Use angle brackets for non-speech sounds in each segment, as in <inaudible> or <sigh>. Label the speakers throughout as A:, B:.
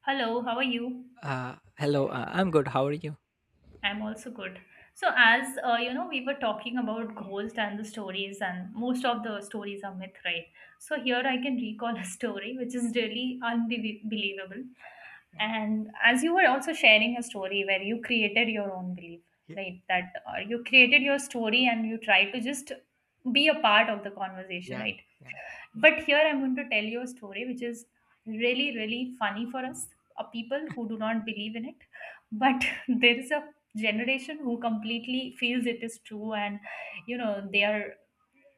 A: Hello, how are you?
B: Hello, I'm good. How are you?
A: I'm also good. So, as you know, we were talking about ghosts and the stories, and most of the stories are myth, right? So, here I can recall <laughs> a story which is really unbelievable.
B: Yeah,
A: And as you were also sharing a story where you created your own belief,
B: yeah,
A: right? That you created your story and you tried to just be a part of the conversation,
B: yeah,
A: right?
B: yeah. Mm.
A: But here I'm going to tell you a story which is really, really funny for us, people who do not believe in it. But <laughs> there is a generation who completely feels it is true, and they are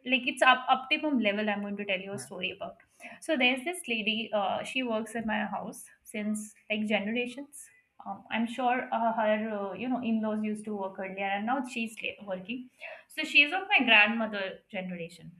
A: like it's up optimum level. I'm going to tell you a
B: Yeah,
A: story about. So there's this lady. She works at my house since like generations. I'm sure her in-laws used to work earlier, and now she's working. So she's of my grandmother generation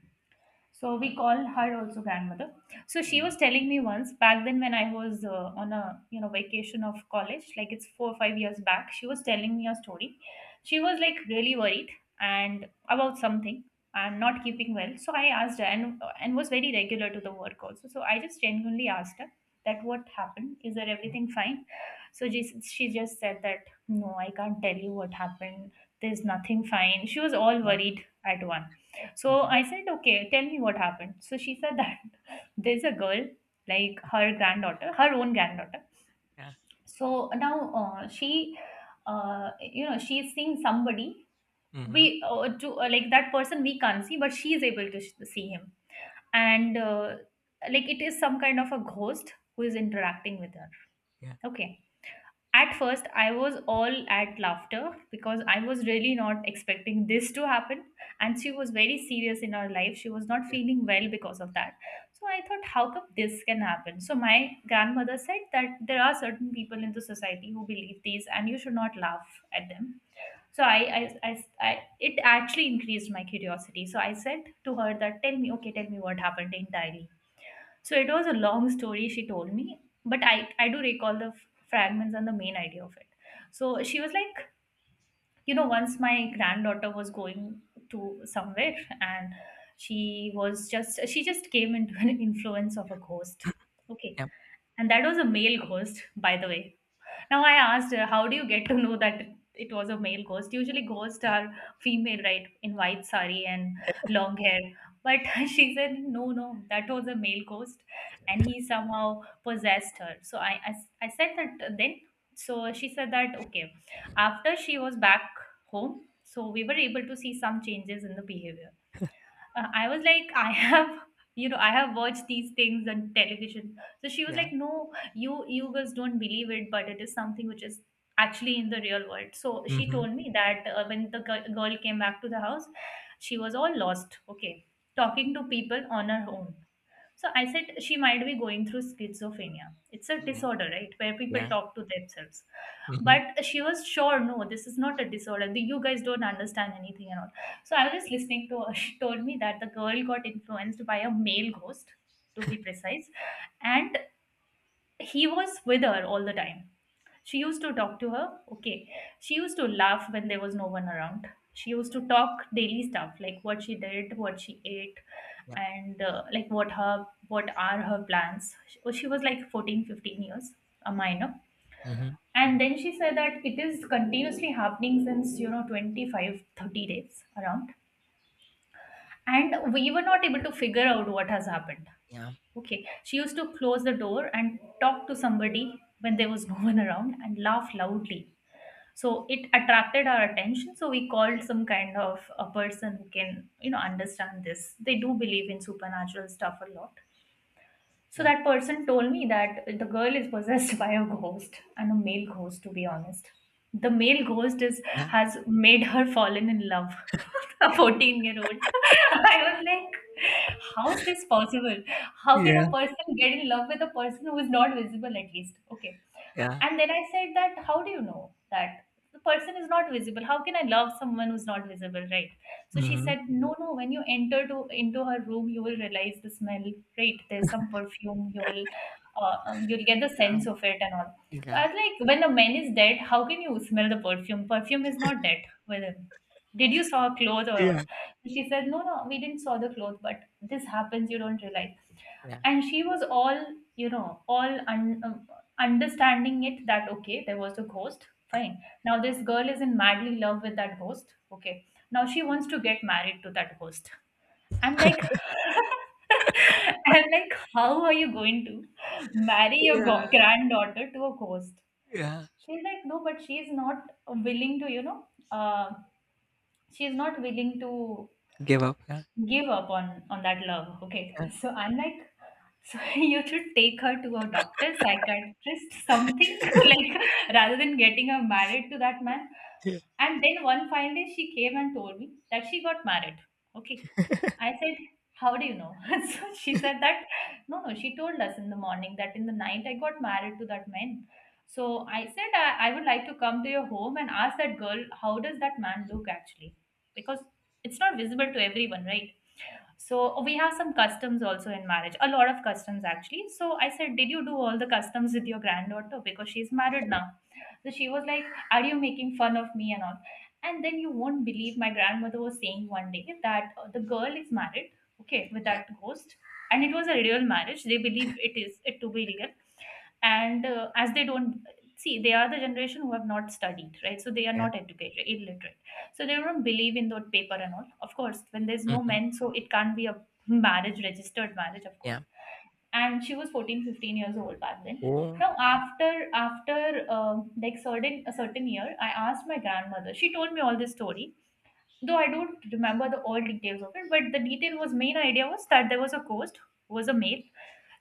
A: so we call her also grandmother. So
B: yeah,
A: she
B: yeah,
A: was telling me once back then when I was on a vacation of college, like it's 4 or 5 years back. She was telling me a story. She was like really worried and about something and not keeping well. So I asked her and was very regular to the work also. So I just genuinely asked her that what happened? Is there everything fine? So she just said that no, I can't tell you what happened. There's nothing fine. She was all
B: yeah.
A: worried at once. So
B: Mhm.
A: I said, okay, tell me what happened. So she said that <laughs> there's a girl, like her granddaughter, her own granddaughter.
B: Yeah.
A: So now she's seeing somebody.
B: Mhm.
A: We to like that person we can't see, but she is able to see him, and like it is some kind of a ghost who is interacting with her.
B: Yeah,
A: Okay at first, I was all at laughter because I was really not expecting this to happen. And she was very serious in her life. She was not feeling well because of that. So I thought, how come this can happen? So my grandmother said that there are certain people in the society who believe these and you should not laugh at them. So I it actually increased my curiosity. So I said to her that, tell me, okay, tell me what happened entirely so it was a long story she told me, but I do recall the fragments and the main idea of it. So she was like, once my granddaughter was going to somewhere and she just came into an <laughs> influence of a ghost. Okay.
B: yeah,
A: And that was a male ghost, by the way now I asked her, how do you get to know that it was a male ghost? Usually ghosts
B: yeah,
A: are female, right? In white sari and long hair. But <laughs> she said, no, no, that was a male ghost. And he somehow possessed her. So I said that then. So she said that, okay, after she was back home, so we were able to see some changes in the behavior I was like, I have, <laughs> I have watched these things on television. So she was
B: yeah, yeah.
A: like, no, you guys don't believe it, but it is something which is actually in the real world. So she
B: Mhm.
A: told me that when the girl came back to the house, she was all lost. Okay, talking to people on her own. So I said she might be going through schizophrenia. It's a
B: Yeah,
A: disorder, right? Where people
B: yeah.
A: talk to themselves.
B: Mhm.
A: But she was sure, no, this is not a disorder. You guys don't understand anything and all. So I was just listening to her. <laughs> She told me that the girl got influenced by a male ghost, to be precise, and he was with her all the time. She used to talk to her. Okay. She used to laugh when there was no one around. She used to talk daily stuff like what she did, what she ate,
B: Yeah.
A: and like what are her plans. She was like 14, 15 years, a minor.
B: Mhm.
A: And then she said that it is continuously happening since, 25, 30 days around. And we were not able to figure out what has happened.
B: Yeah,
A: Okay. She used to close the door and talk to somebody when there was no one around and laugh loudly so it attracted our attention so we called some kind of a person who can understand this they do believe in supernatural stuff a lot so
B: yeah,
A: that person told me that the girl is possessed <laughs> by a ghost and a male ghost, to be honest. The male ghost is
B: yeah,
A: has made her fallen in love. <laughs> A 14 year old. <laughs> I was like, how is this possible? How can
B: yeah,
A: a person get in love with a person who is not visible at least? Okay.
B: yeah.
A: And then I said that how do you know that the person is not visible? How can I love someone who's not visible, right? So she
B: Mhm.
A: said, no, no, when you enter to into her room, you will realize the smell, right? There's some perfume, you'll get the
B: Yeah,
A: sense of it and all. So
B: yeah,
A: I was like, when a man is dead, how can you smell the perfume? Perfume is not dead with him. Did you saw clothes or
B: yeah.
A: what? She said, no, no, we didn't saw the clothes, but this happens, you don't realize.
B: yeah,
A: And she was all, all understanding it that, okay, there was a ghost, fine. Now this girl is in madly love with that ghost, okay now she wants to get married to that host. I'm like, <laughs> I'm like, how are you going to marry your
B: Yeah,
A: granddaughter to a host?
B: yeah.
A: She's like, no, but uh, she's not willing to
B: Give up, yeah,
A: give up on that love. Okay,
B: yeah,
A: so I'm like, so <laughs> you should take her to a doctor, psychiatrist, something <laughs> like rather than getting her married to that man.
B: yeah,
A: And then one fine day, she came and told me that she got married. Okay. I said, how do you know? <laughs> So she said that, no, no, she told us in the morning that in the night I got married to that man. So I said, I would like to come to your home and ask that girl, how does that man look actually? Because it's not visible to everyone, right? So oh, we have some customs also in marriage, a lot of customs actually. So I said, did you do all the customs with your granddaughter? Because she's married now. So she was like, are you making fun of me and all? And then you won't believe my grandmother was saying one day that the girl is married, okay, with
B: yeah,
A: that ghost. And it was a real marriage. They believe it to be real. And as they don't see, they are the generation who have not studied, right? So they are
B: yeah.
A: not educated, illiterate so they don't believe in that paper and all. Of course, when there's no
B: Mhm.
A: men, so it can't be a marriage, registered marriage, of course.
B: Yeah.
A: And she was 14, 15 years old back then.
B: Oh,
A: Now, after like certain a certain year, I asked my grandmother. She told me all this story, though I don't remember the all details of it. But the detail was main idea was that there was a ghost, who was a male.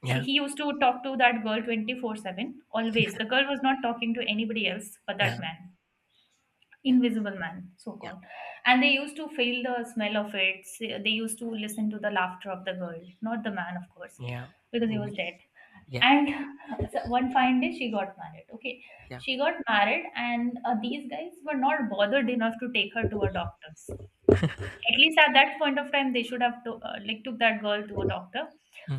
A: She,
B: yeah,
A: he used to talk to that girl 24/7 always. The girl was not talking to anybody else but that
B: yeah,
A: man.
B: yeah,
A: Invisible Man, so
B: yeah,
A: called. And they used to feel the smell of it. They used to listen to the laughter of the girl, not the man, of course,
B: yeah.
A: because he
B: Mm.
A: was dead.
B: Yeah,
A: And <laughs> so one fine day, she got married. Okay,
B: yeah.
A: she got married, and these guys were not bothered enough to take her to a doctor's. At least at that point of time, they should have to, like took that girl to a doctor,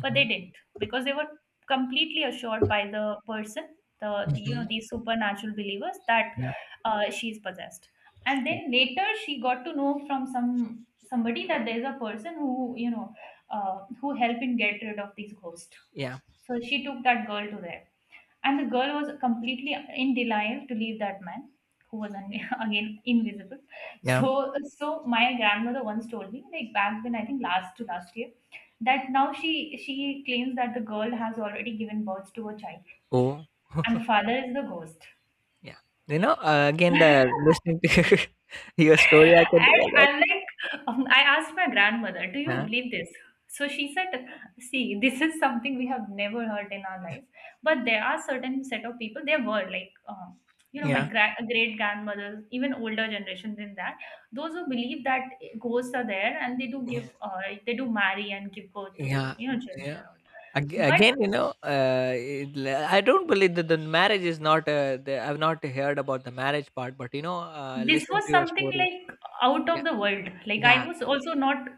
A: but they didn't because they were completely assured by the person,
B: Mhm.
A: these supernatural believers that
B: Yeah,
A: she's possessed. And
B: yeah,
A: then later, she got to know from somebody that there's a person who who helped in get rid of these ghosts.
B: yeah,
A: So she took that girl to there and the girl was completely in denial to leave that man, who was <laughs> again invisible.
B: yeah.
A: So my grandmother once told me, like back then, I think last to last year, that now she claims that the girl has already given birth to a child,
B: Oh,
A: and the
B: <laughs>
A: father is the ghost.
B: yeah. Again, the listening to <laughs> your story.
A: And I'm like, I asked my grandmother, "Do you
B: Yeah,
A: believe this?" So she said, "See, this is something we have never heard in our life, but there are certain set of people. There were like, my
B: yeah,
A: great grandmothers, even older generation than that, those who believe that ghosts are there and they do
B: yeah,
A: they do marry and give birth to
B: yeah,
A: you know children
B: yeah.
A: and all."
B: Ag-
A: But
B: Again, I don't believe that the marriage is not. I've not heard about the marriage part, but
A: this
B: listening
A: was
B: to your
A: something
B: story.
A: like out of the world. Like
B: Yeah,
A: I was also not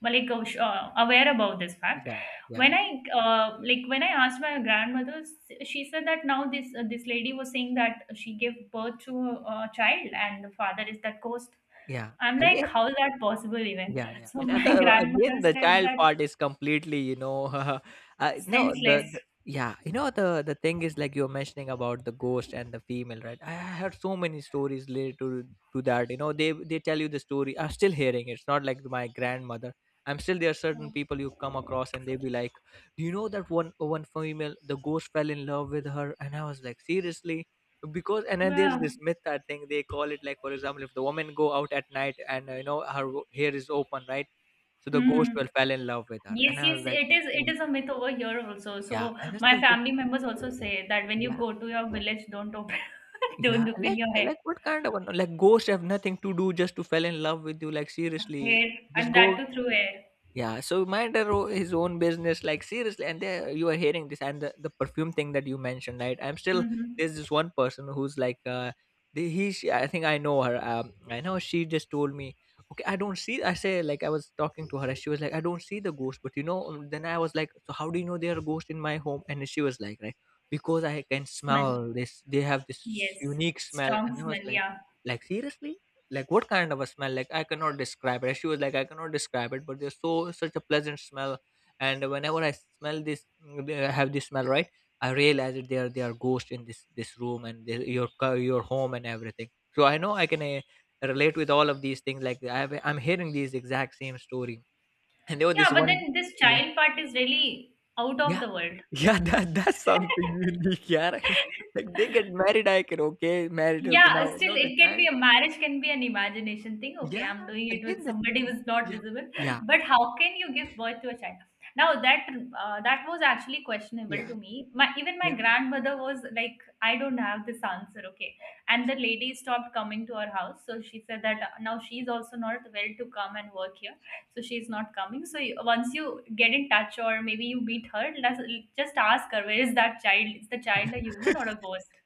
A: aware about this fact.
B: yeah, yeah,
A: When I like when I asked my grandmother, she said that now this lady was saying that she gave birth to a child and the father is that ghost.
B: yeah.
A: I'm like,
B: Again,
A: how is that possible even?
B: yeah, yeah.
A: So
B: And then
A: my <laughs>
B: the,
A: grandmother
B: again, the
A: said
B: child
A: that,
B: part is completely, <laughs> no,
A: senseless.
B: the yeah, the thing is like you're mentioning about the ghost and the female, right? I heard so many stories related to that. You know, they tell you the story. I'm still hearing it. It's not like my grandmother. I'm still there. Are
A: Yeah.
B: Certain people you come across and they be like, "Do you know that one female, the ghost fell in love with her?" And I was like, "Seriously?" because and then there's
A: Yeah.
B: this myth that thing they call it, like, for example, if the woman go out at night, and you know, her hair is open, right? So the ghost
A: Mhm.
B: will fell in love with her.
A: Yes,
B: And I
A: yes,
B: was like,
A: it is. It
B: yeah.
A: is a myth over here also.
B: Yeah,
A: So
B: and that's
A: my
B: just,
A: family members also say that when you
B: yeah,
A: go to your village, don't open, <laughs>
B: yeah,
A: don't open
B: like,
A: your hair,
B: what kind of one? Like, ghosts have nothing to do just to fell in love with you, like, seriously,
A: hair,
B: just
A: and
B: go.
A: that too through air.
B: Yeah, so mind their his own business, like, seriously. And they, you are hearing this, and the perfume thing that you mentioned, right? I'm still
A: Mm-hmm.
B: there's this one person who's like, she, I think I know her. I know she just told me, okay, I don't see. I say, like, I was talking to her, and she was like, I don't see the ghost, but Then I was like, so how do you know they are a ghost in my home? And she was like, right, because I can
A: Smell.
B: smell this. They have this
A: Yes,
B: unique smell. And
A: strong
B: I was
A: smell.
B: like,
A: Yeah,
B: like seriously, like, what kind of a smell? Like, I cannot describe it. She was like, I cannot describe it, but there's such a pleasant smell. And whenever I smell this, they have this smell, right? I realize that there they are ghosts in this room and your your home and everything. So I know I can relate with all of these things. I'm hearing these exact same story. And there was this
A: yeah. But
B: one.
A: then this
B: Yeah.
A: child part is really out of
B: Yeah.
A: the world.
B: <laughs> Yeah, that's something unique. Yeah. <laughs> Like they get
A: <laughs>
B: married. I can, okay, married, okay,
A: Yeah,
B: now
A: still
B: the
A: it can be
B: child.
A: a marriage, can be an imagination thing. Okay,
B: Yeah,
A: I'm doing it
B: again
A: with
B: the,
A: somebody who's not
B: yeah,
A: visible.
B: yeah.
A: But how can you give birth to a child? Now that was actually questionable to
B: Yeah,
A: me. My even my
B: yeah.
A: grandmother was like, I don't have this answer. Okay, and the lady stopped coming to our house. So she said that now she's also not well to come and work here. So she's not coming. So once you get in touch or maybe you meet her, let's just ask her, where is that child? Is the child a human or a
B: <laughs>
A: ghost?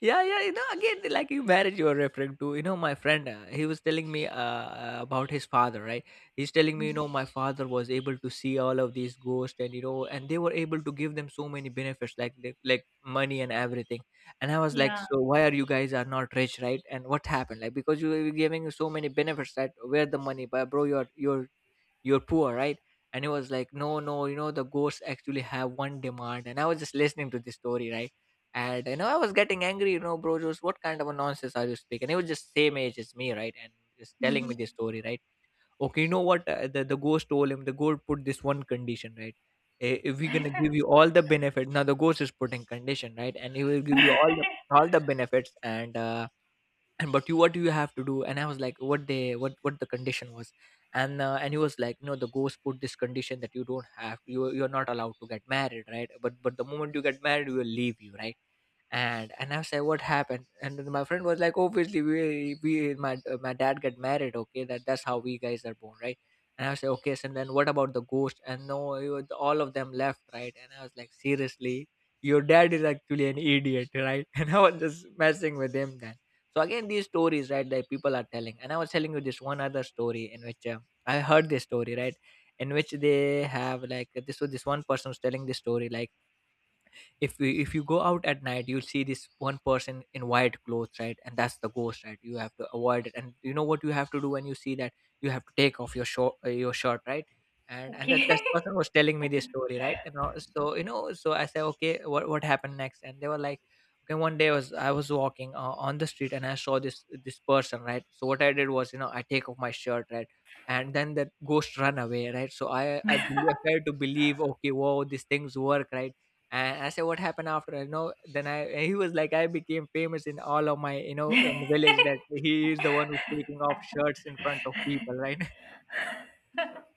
B: Yeah, yeah, you know, again, like, you marriage you are referring to, you know, my friend, he was telling me about his father, right? He's telling me, you know,
A: Mhm.
B: my father was able to see all of these ghosts, and, you know, and they were able to give them so many benefits, like, like money and everything. And I was like,
A: Yeah.
B: so why are you guys are not rich, right? And what happened? Like, because you were giving so many benefits, that where the money, but bro, you're poor, right? And he was like, no, no, you know, the ghosts actually have one demand. And I was just listening to this story, right? And you know, I was getting angry. You know, bro, just what kind of a nonsense are you speaking. He was just same age as me, right? And just telling me this
A: Mhm.
B: story, right? Okay, you know what, the ghost told him, the ghost put this one condition, right? "Eh, if we're gonna give you
A: <laughs>
B: all the benefits, now the ghost is putting condition, right, and he will give you all the benefits, and but you, what do you have to do? And I was like, what they what the condition was. And he was like, no, the ghost put this condition, that you don't have, you you're not allowed to get married, right, but the moment you get married, we will leave you, right." And I said, "What happened?" And then my friend was like, "Obviously, we my my dad got married. Okay, that's how we guys are born, right?" And I was like, "Okay. And then what about the ghost?" And no, it was- all of them left, right? And I was like, "Seriously, your dad is actually an idiot, right?" <laughs> And I was just messing with him then. So again, these stories, right, that people are telling. And I was telling you this one other story in which I heard this story, right, in which they have like this. So this one person was telling this story, like, if you, if you go out at night, you'll see this one person in white clothes, right, and that's the ghost, right, you have to avoid it. And you know what you have to do when you see that, you have to take off your short your shirt, right. And
A: Okay.
B: that person was telling me this story, right. and So, you know, so I said, okay, what happened next? And they were like, okay, one day was I was walking on the street, and I saw this person, right. So what I did was, you know, I take off my shirt, right. And then that ghost run away, right. So I believe,
A: <laughs>
B: I tried to believe, okay, wow, these things work, right. And I said, "What happened after?" You know, then I he was like, "I became famous in all of my, you know, in village, that he is the one who's taking off shirts in front of people, right?" <laughs>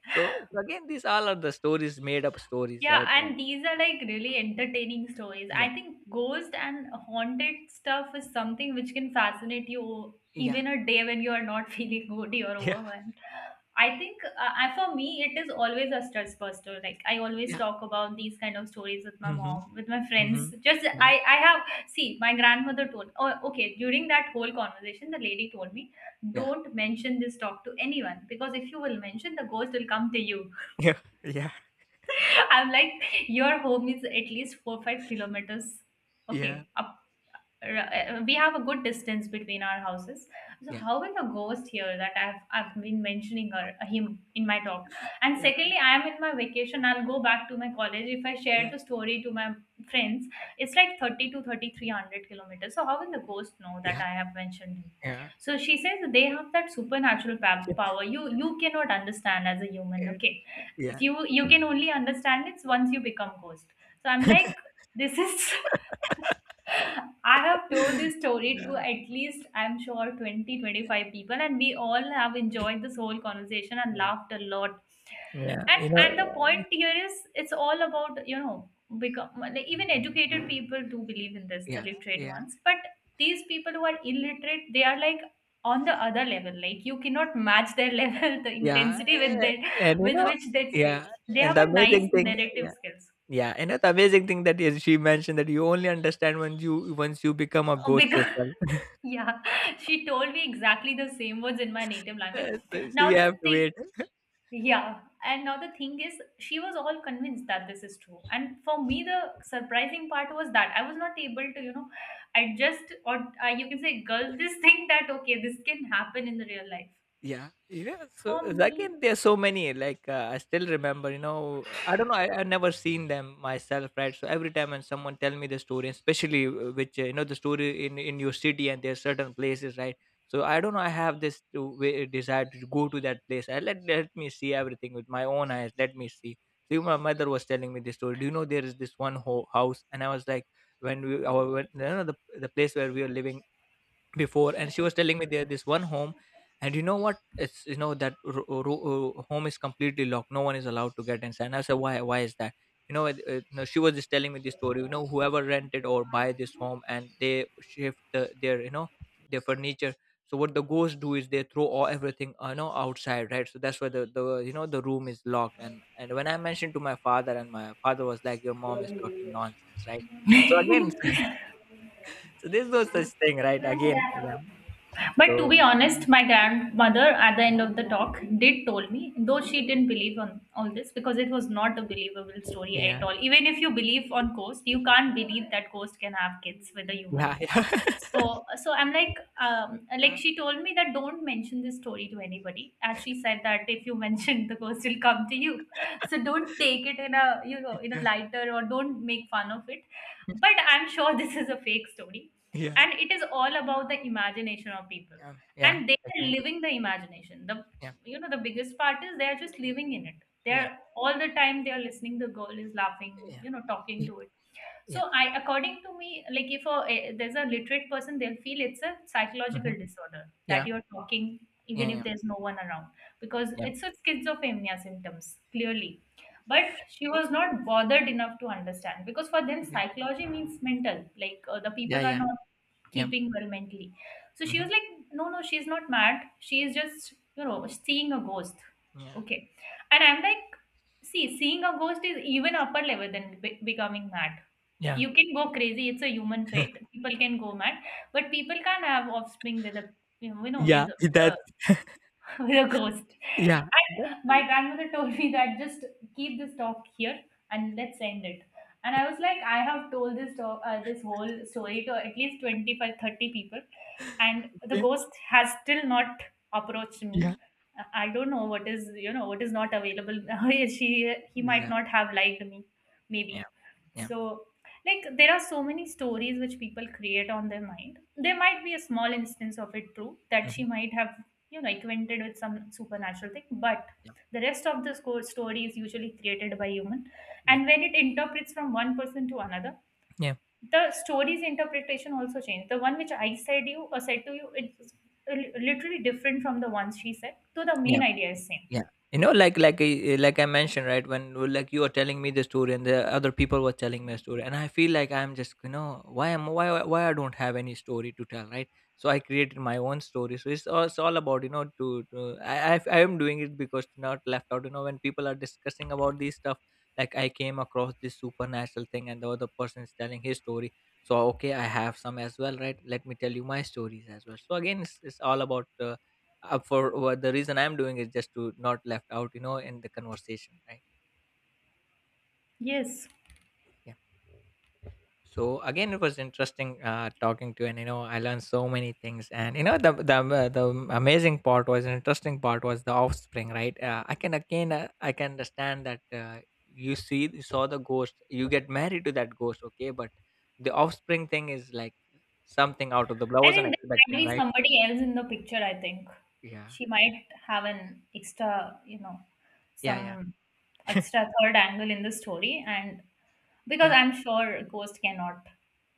B: So, so again, these all are the stories, made up stories,
A: Yeah,
B: right?
A: and these are like really entertaining stories.
B: Yeah,
A: I think ghost and haunted stuff is something which can fascinate you
B: yeah,
A: even a day when you are not <laughs> feeling good or
B: <laughs> yeah,
A: overwhelmed. I think for me, it is always a stress buster. Like I always
B: yeah.
A: talk about these kind of stories with my
B: Mm-hmm,
A: mom, with my
B: mm-hmm.
A: friends. Just
B: Yeah,
A: I have, see, my grandmother told. Oh, okay. During that whole conversation, the lady told me, "Don't mention this talk to anyone because if you will mention, the ghost will come to you."
B: yeah, yeah,
A: <laughs> I'm like, your home is at least 4-5 kilometers.
B: yeah,
A: Okay, we have a good distance between our houses, so
B: yeah,
A: how will the ghost hear that I've been mentioning her, him in my talk? And
B: yeah,
A: secondly, I am in my vacation. I'll go back to my college. If I share
B: yeah,
A: the story to my friends, it's like 30 to 3300 kilometers, so how will the ghost know that
B: yeah,
A: I have mentioned him?
B: yeah,
A: So she says they have that supernatural power. You cannot understand as a human. Okay,
B: yeah, yeah,
A: you can only understand it once you become ghost. So I'm
B: <laughs>
A: like, this is <laughs> I have told this story to
B: yeah,
A: at least, I'm sure, 20, 25 people, and we all have enjoyed this whole conversation and
B: yeah,
A: laughed a lot.
B: yeah. You
A: And the
B: know,
A: point here is it's all about, you know, become like, even educated people do believe in this, the
B: yeah,
A: literate
B: yeah.
A: ones. But these people who are illiterate, they are like on the other level. Like you cannot match their level, <laughs> the
B: Yeah,
A: intensity with
B: a
A: their
B: and you know,
A: with which they
B: yeah,
A: say. They
B: and
A: have
B: the
A: a nice
B: amazing thing,
A: narrative
B: yeah,
A: skills.
B: yeah, and the amazing thing that is, she mentioned that you only understand when you once you become a ghost
A: Because
B: yourself. <laughs>
A: <laughs> yeah, she told me exactly the same words in my native
B: So
A: language.
B: so
A: Now
B: you
A: the
B: have to
A: thing,
B: wait.
A: yeah, and now the thing is, she was all convinced that this is true, and for me the surprising part was that I was not able to, you know, adjust or, you can say girl, this <laughs> thing that okay, this can happen in the real life
B: Yeah, yeah. So
A: for me.
B: again, there are so many. Like, I still remember, you know, I don't know. I never seen them myself, right? So every time when someone tell me the story, especially which you know, the story in your city, and there certain places, right? So I don't know. I have this desire to go to that place. I, let, let me see everything with my own eyes. Let me see. So even my mother was telling me this story. Do you know there is this one house? And I was like, when we our when, you know, the place where we were living before. And she was telling me there this one home, and you know what, it's, you know, that home is completely locked, no one is allowed to get inside. And I said, why is that? You know, no, she was just telling me this story, you know, whoever rented or buy this home and they shift their, you know, their furniture, so what the ghosts do is they throw all everything, you know, outside, right. So that's why the, you know, the room is locked. And when I mentioned to my father, and my father was like, your mom is talking nonsense, right. So again, <laughs> so there's no such thing, right. Again, yeah.
A: But to be
B: So
A: honest, my grandmother at the end of the talk did told me, though she didn't believe on all this because it was not a believable story
B: yeah,
A: at all. Even if you believe on ghost, you can't believe that ghost can have kids with a
B: yeah,
A: human.
B: yeah,
A: So I'm like she told me that don't mention this story to anybody, as she said that if you <laughs> mention, the ghost will come to you. So don't take it in a, you know,
B: <laughs>
A: in a
B: yeah,
A: lighter, or don't make fun of it. But I'm sure <laughs> this is a fake story,
B: yeah, yeah,
A: and it is all about the imagination of people,
B: yeah, yeah.
A: and they are
B: Agree.
A: living the imagination. The,
B: Yeah,
A: you know, the biggest part is they are just living in it.
B: yeah,
A: They're all the time they are listening, the girl is laughing,
B: yeah,
A: you know, talking
B: y-
A: to it.
B: yeah,
A: So I, according to me, like, if there's a literate person, they'll feel it's a psychological
B: mhm,
A: disorder
B: yeah,
A: that you're talking
B: yeah,
A: even
B: yeah,
A: if there's no one around, because
B: yeah,
A: it's a schizophrenia symptoms clearly. But she was not bothered enough to understand, because for them
B: yeah,
A: psychology means mental, like, the
B: yeah,
A: people are
B: yeah,
A: not
B: yeah,
A: keeping well mentally. So she
B: mhm,
A: was like, no, no, she's not mad. She is just, you know, seeing a ghost.
B: yeah,
A: Okay, and I'm like, see, seeing a ghost is even upper level than becoming mad.
B: yeah,
A: You can go crazy, it's a human trait, people can go mad, but people can't have offspring with a, you know, you know, with
B: yeah. <laughs>
A: the
B: That,
A: <laughs> with a ghost.
B: yeah,
A: And
B: that-
A: my grandmother told me that just keep this talk here and let's end it. And I was like, I have told this talk, this whole story to at least 25, 30 people, and the
B: okay,
A: ghost has still not approached
B: yeah,
A: me. I don't know what is, you know, what is not available. <laughs> She, he might
B: yeah,
A: not have liked me,
B: yeah,
A: maybe.
B: yeah,
A: So, like, there are so many stories which people create on their mind. There might be a small instance of it true, that
B: mhm,
A: she might have, you know, acquainted with some supernatural thing, but
B: yeah,
A: the rest of the score story is usually created by human,
B: yeah,
A: and when it interprets from one person to another,
B: yeah,
A: the story's interpretation also changes. The one which I said you, or said to you, it's literally different from the one she said, though the main
B: yeah.
A: idea is same.
B: Yeah. You know, like, like I mentioned, right? When, like, you are telling me the story, and the other people were telling me a story, and I feel like I'm just, you know, why why I don't have any story to tell, right? So I created my own story. So it's all about, you know, to I am doing it because to not left out. You know, when people are discussing about these stuff, like, I came across this supernatural thing, and the other person is telling his story. So okay, I have some as well, right? Let me tell you my stories as well. So again, it's all about. For what the reason I'm doing is just to not left out, you know, in the conversation, right.
A: Yes.
B: Yeah. So again, it was interesting talking to you. And you know, I learned so many things. And you know, the amazing part was interesting part was the offspring, right. I can, again, I can understand that you see, you saw the ghost, you get married to that ghost, okay, but the offspring thing is like something out of the blue. I
A: I
B: wasn't
A: think there might
B: expecting,
A: be
B: right.
A: somebody else in the picture, I think.
B: Yeah,
A: She might have an extra, you know,
B: yeah,
A: some
B: yeah. <laughs>
A: extra third angle in the story, and because
B: Yeah,
A: I'm sure ghost cannot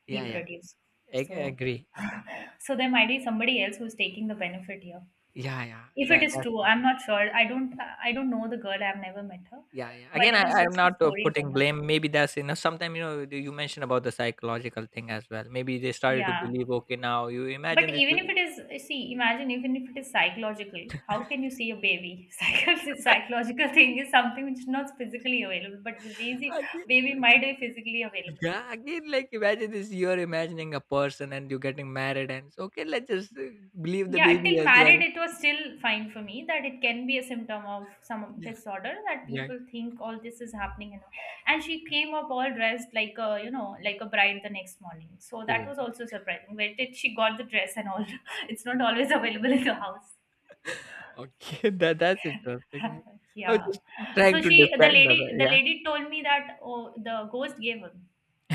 B: yeah, yeah.
A: reproduce.
B: I
A: So
B: agree,
A: <laughs>
B: agree.
A: so there might be somebody else who's taking the benefit here.
B: Yeah, yeah.
A: If it is
B: That's
A: true,
B: not
A: I'm not sure. I don't know the girl, I've never met her.
B: yeah, yeah.
A: But
B: Again,
A: it is
B: I'm
A: just a
B: not
A: story
B: putting
A: about her.
B: blame. Maybe that's, you know, sometimes you know, you mentioned about the psychological thing as well. Maybe they started to
A: Yeah.
B: believe. Okay, now you
A: But
B: imagine this.
A: even if it
B: You,
A: is, see, imagine even if it is psychological, how can you
B: <laughs>
A: see a baby? <laughs> Psychological, psychological thing is something which is not physically available, but the baby,
B: again,
A: baby
B: like-
A: might be physically available, right?
B: yeah, again, like, imagine this. You're imagining a person and you're getting married, and so okay. Let's just believe the
A: Yeah,
B: baby
A: till
B: as
A: married,
B: well.
A: it was still fine for me that it can be a symptom of some
B: Yeah,
A: disorder that
B: yeah.
A: people think all this is happening. And, all. And she came up all dressed like a, you know, like a bride the next morning. So that
B: Oh,
A: was also surprising. Where did she got the dress and all? <laughs> It's not always available in the house.
B: <laughs> okay. That's interesting. Right?
A: <laughs>
B: I was
A: Yeah.
B: just trying
A: So
B: to
A: she,
B: defend. Her,
A: the
B: Yeah.
A: lady told me that, oh, the ghost gave her,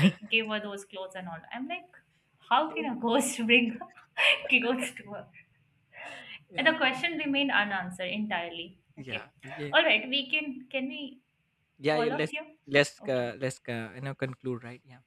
A: like, gave her those clothes and all. I'm like, how can
B: Okay.
A: a ghost <laughs> bring <laughs> clothes to her? And the
B: Yeah.
A: question remained unanswered entirely.
B: Yeah.
A: Okay.
B: Again.
A: All right. We can we
B: Yeah, yeah,
A: call off
B: let's
A: here? Okay.
B: let's you know, conclude, right? Yeah.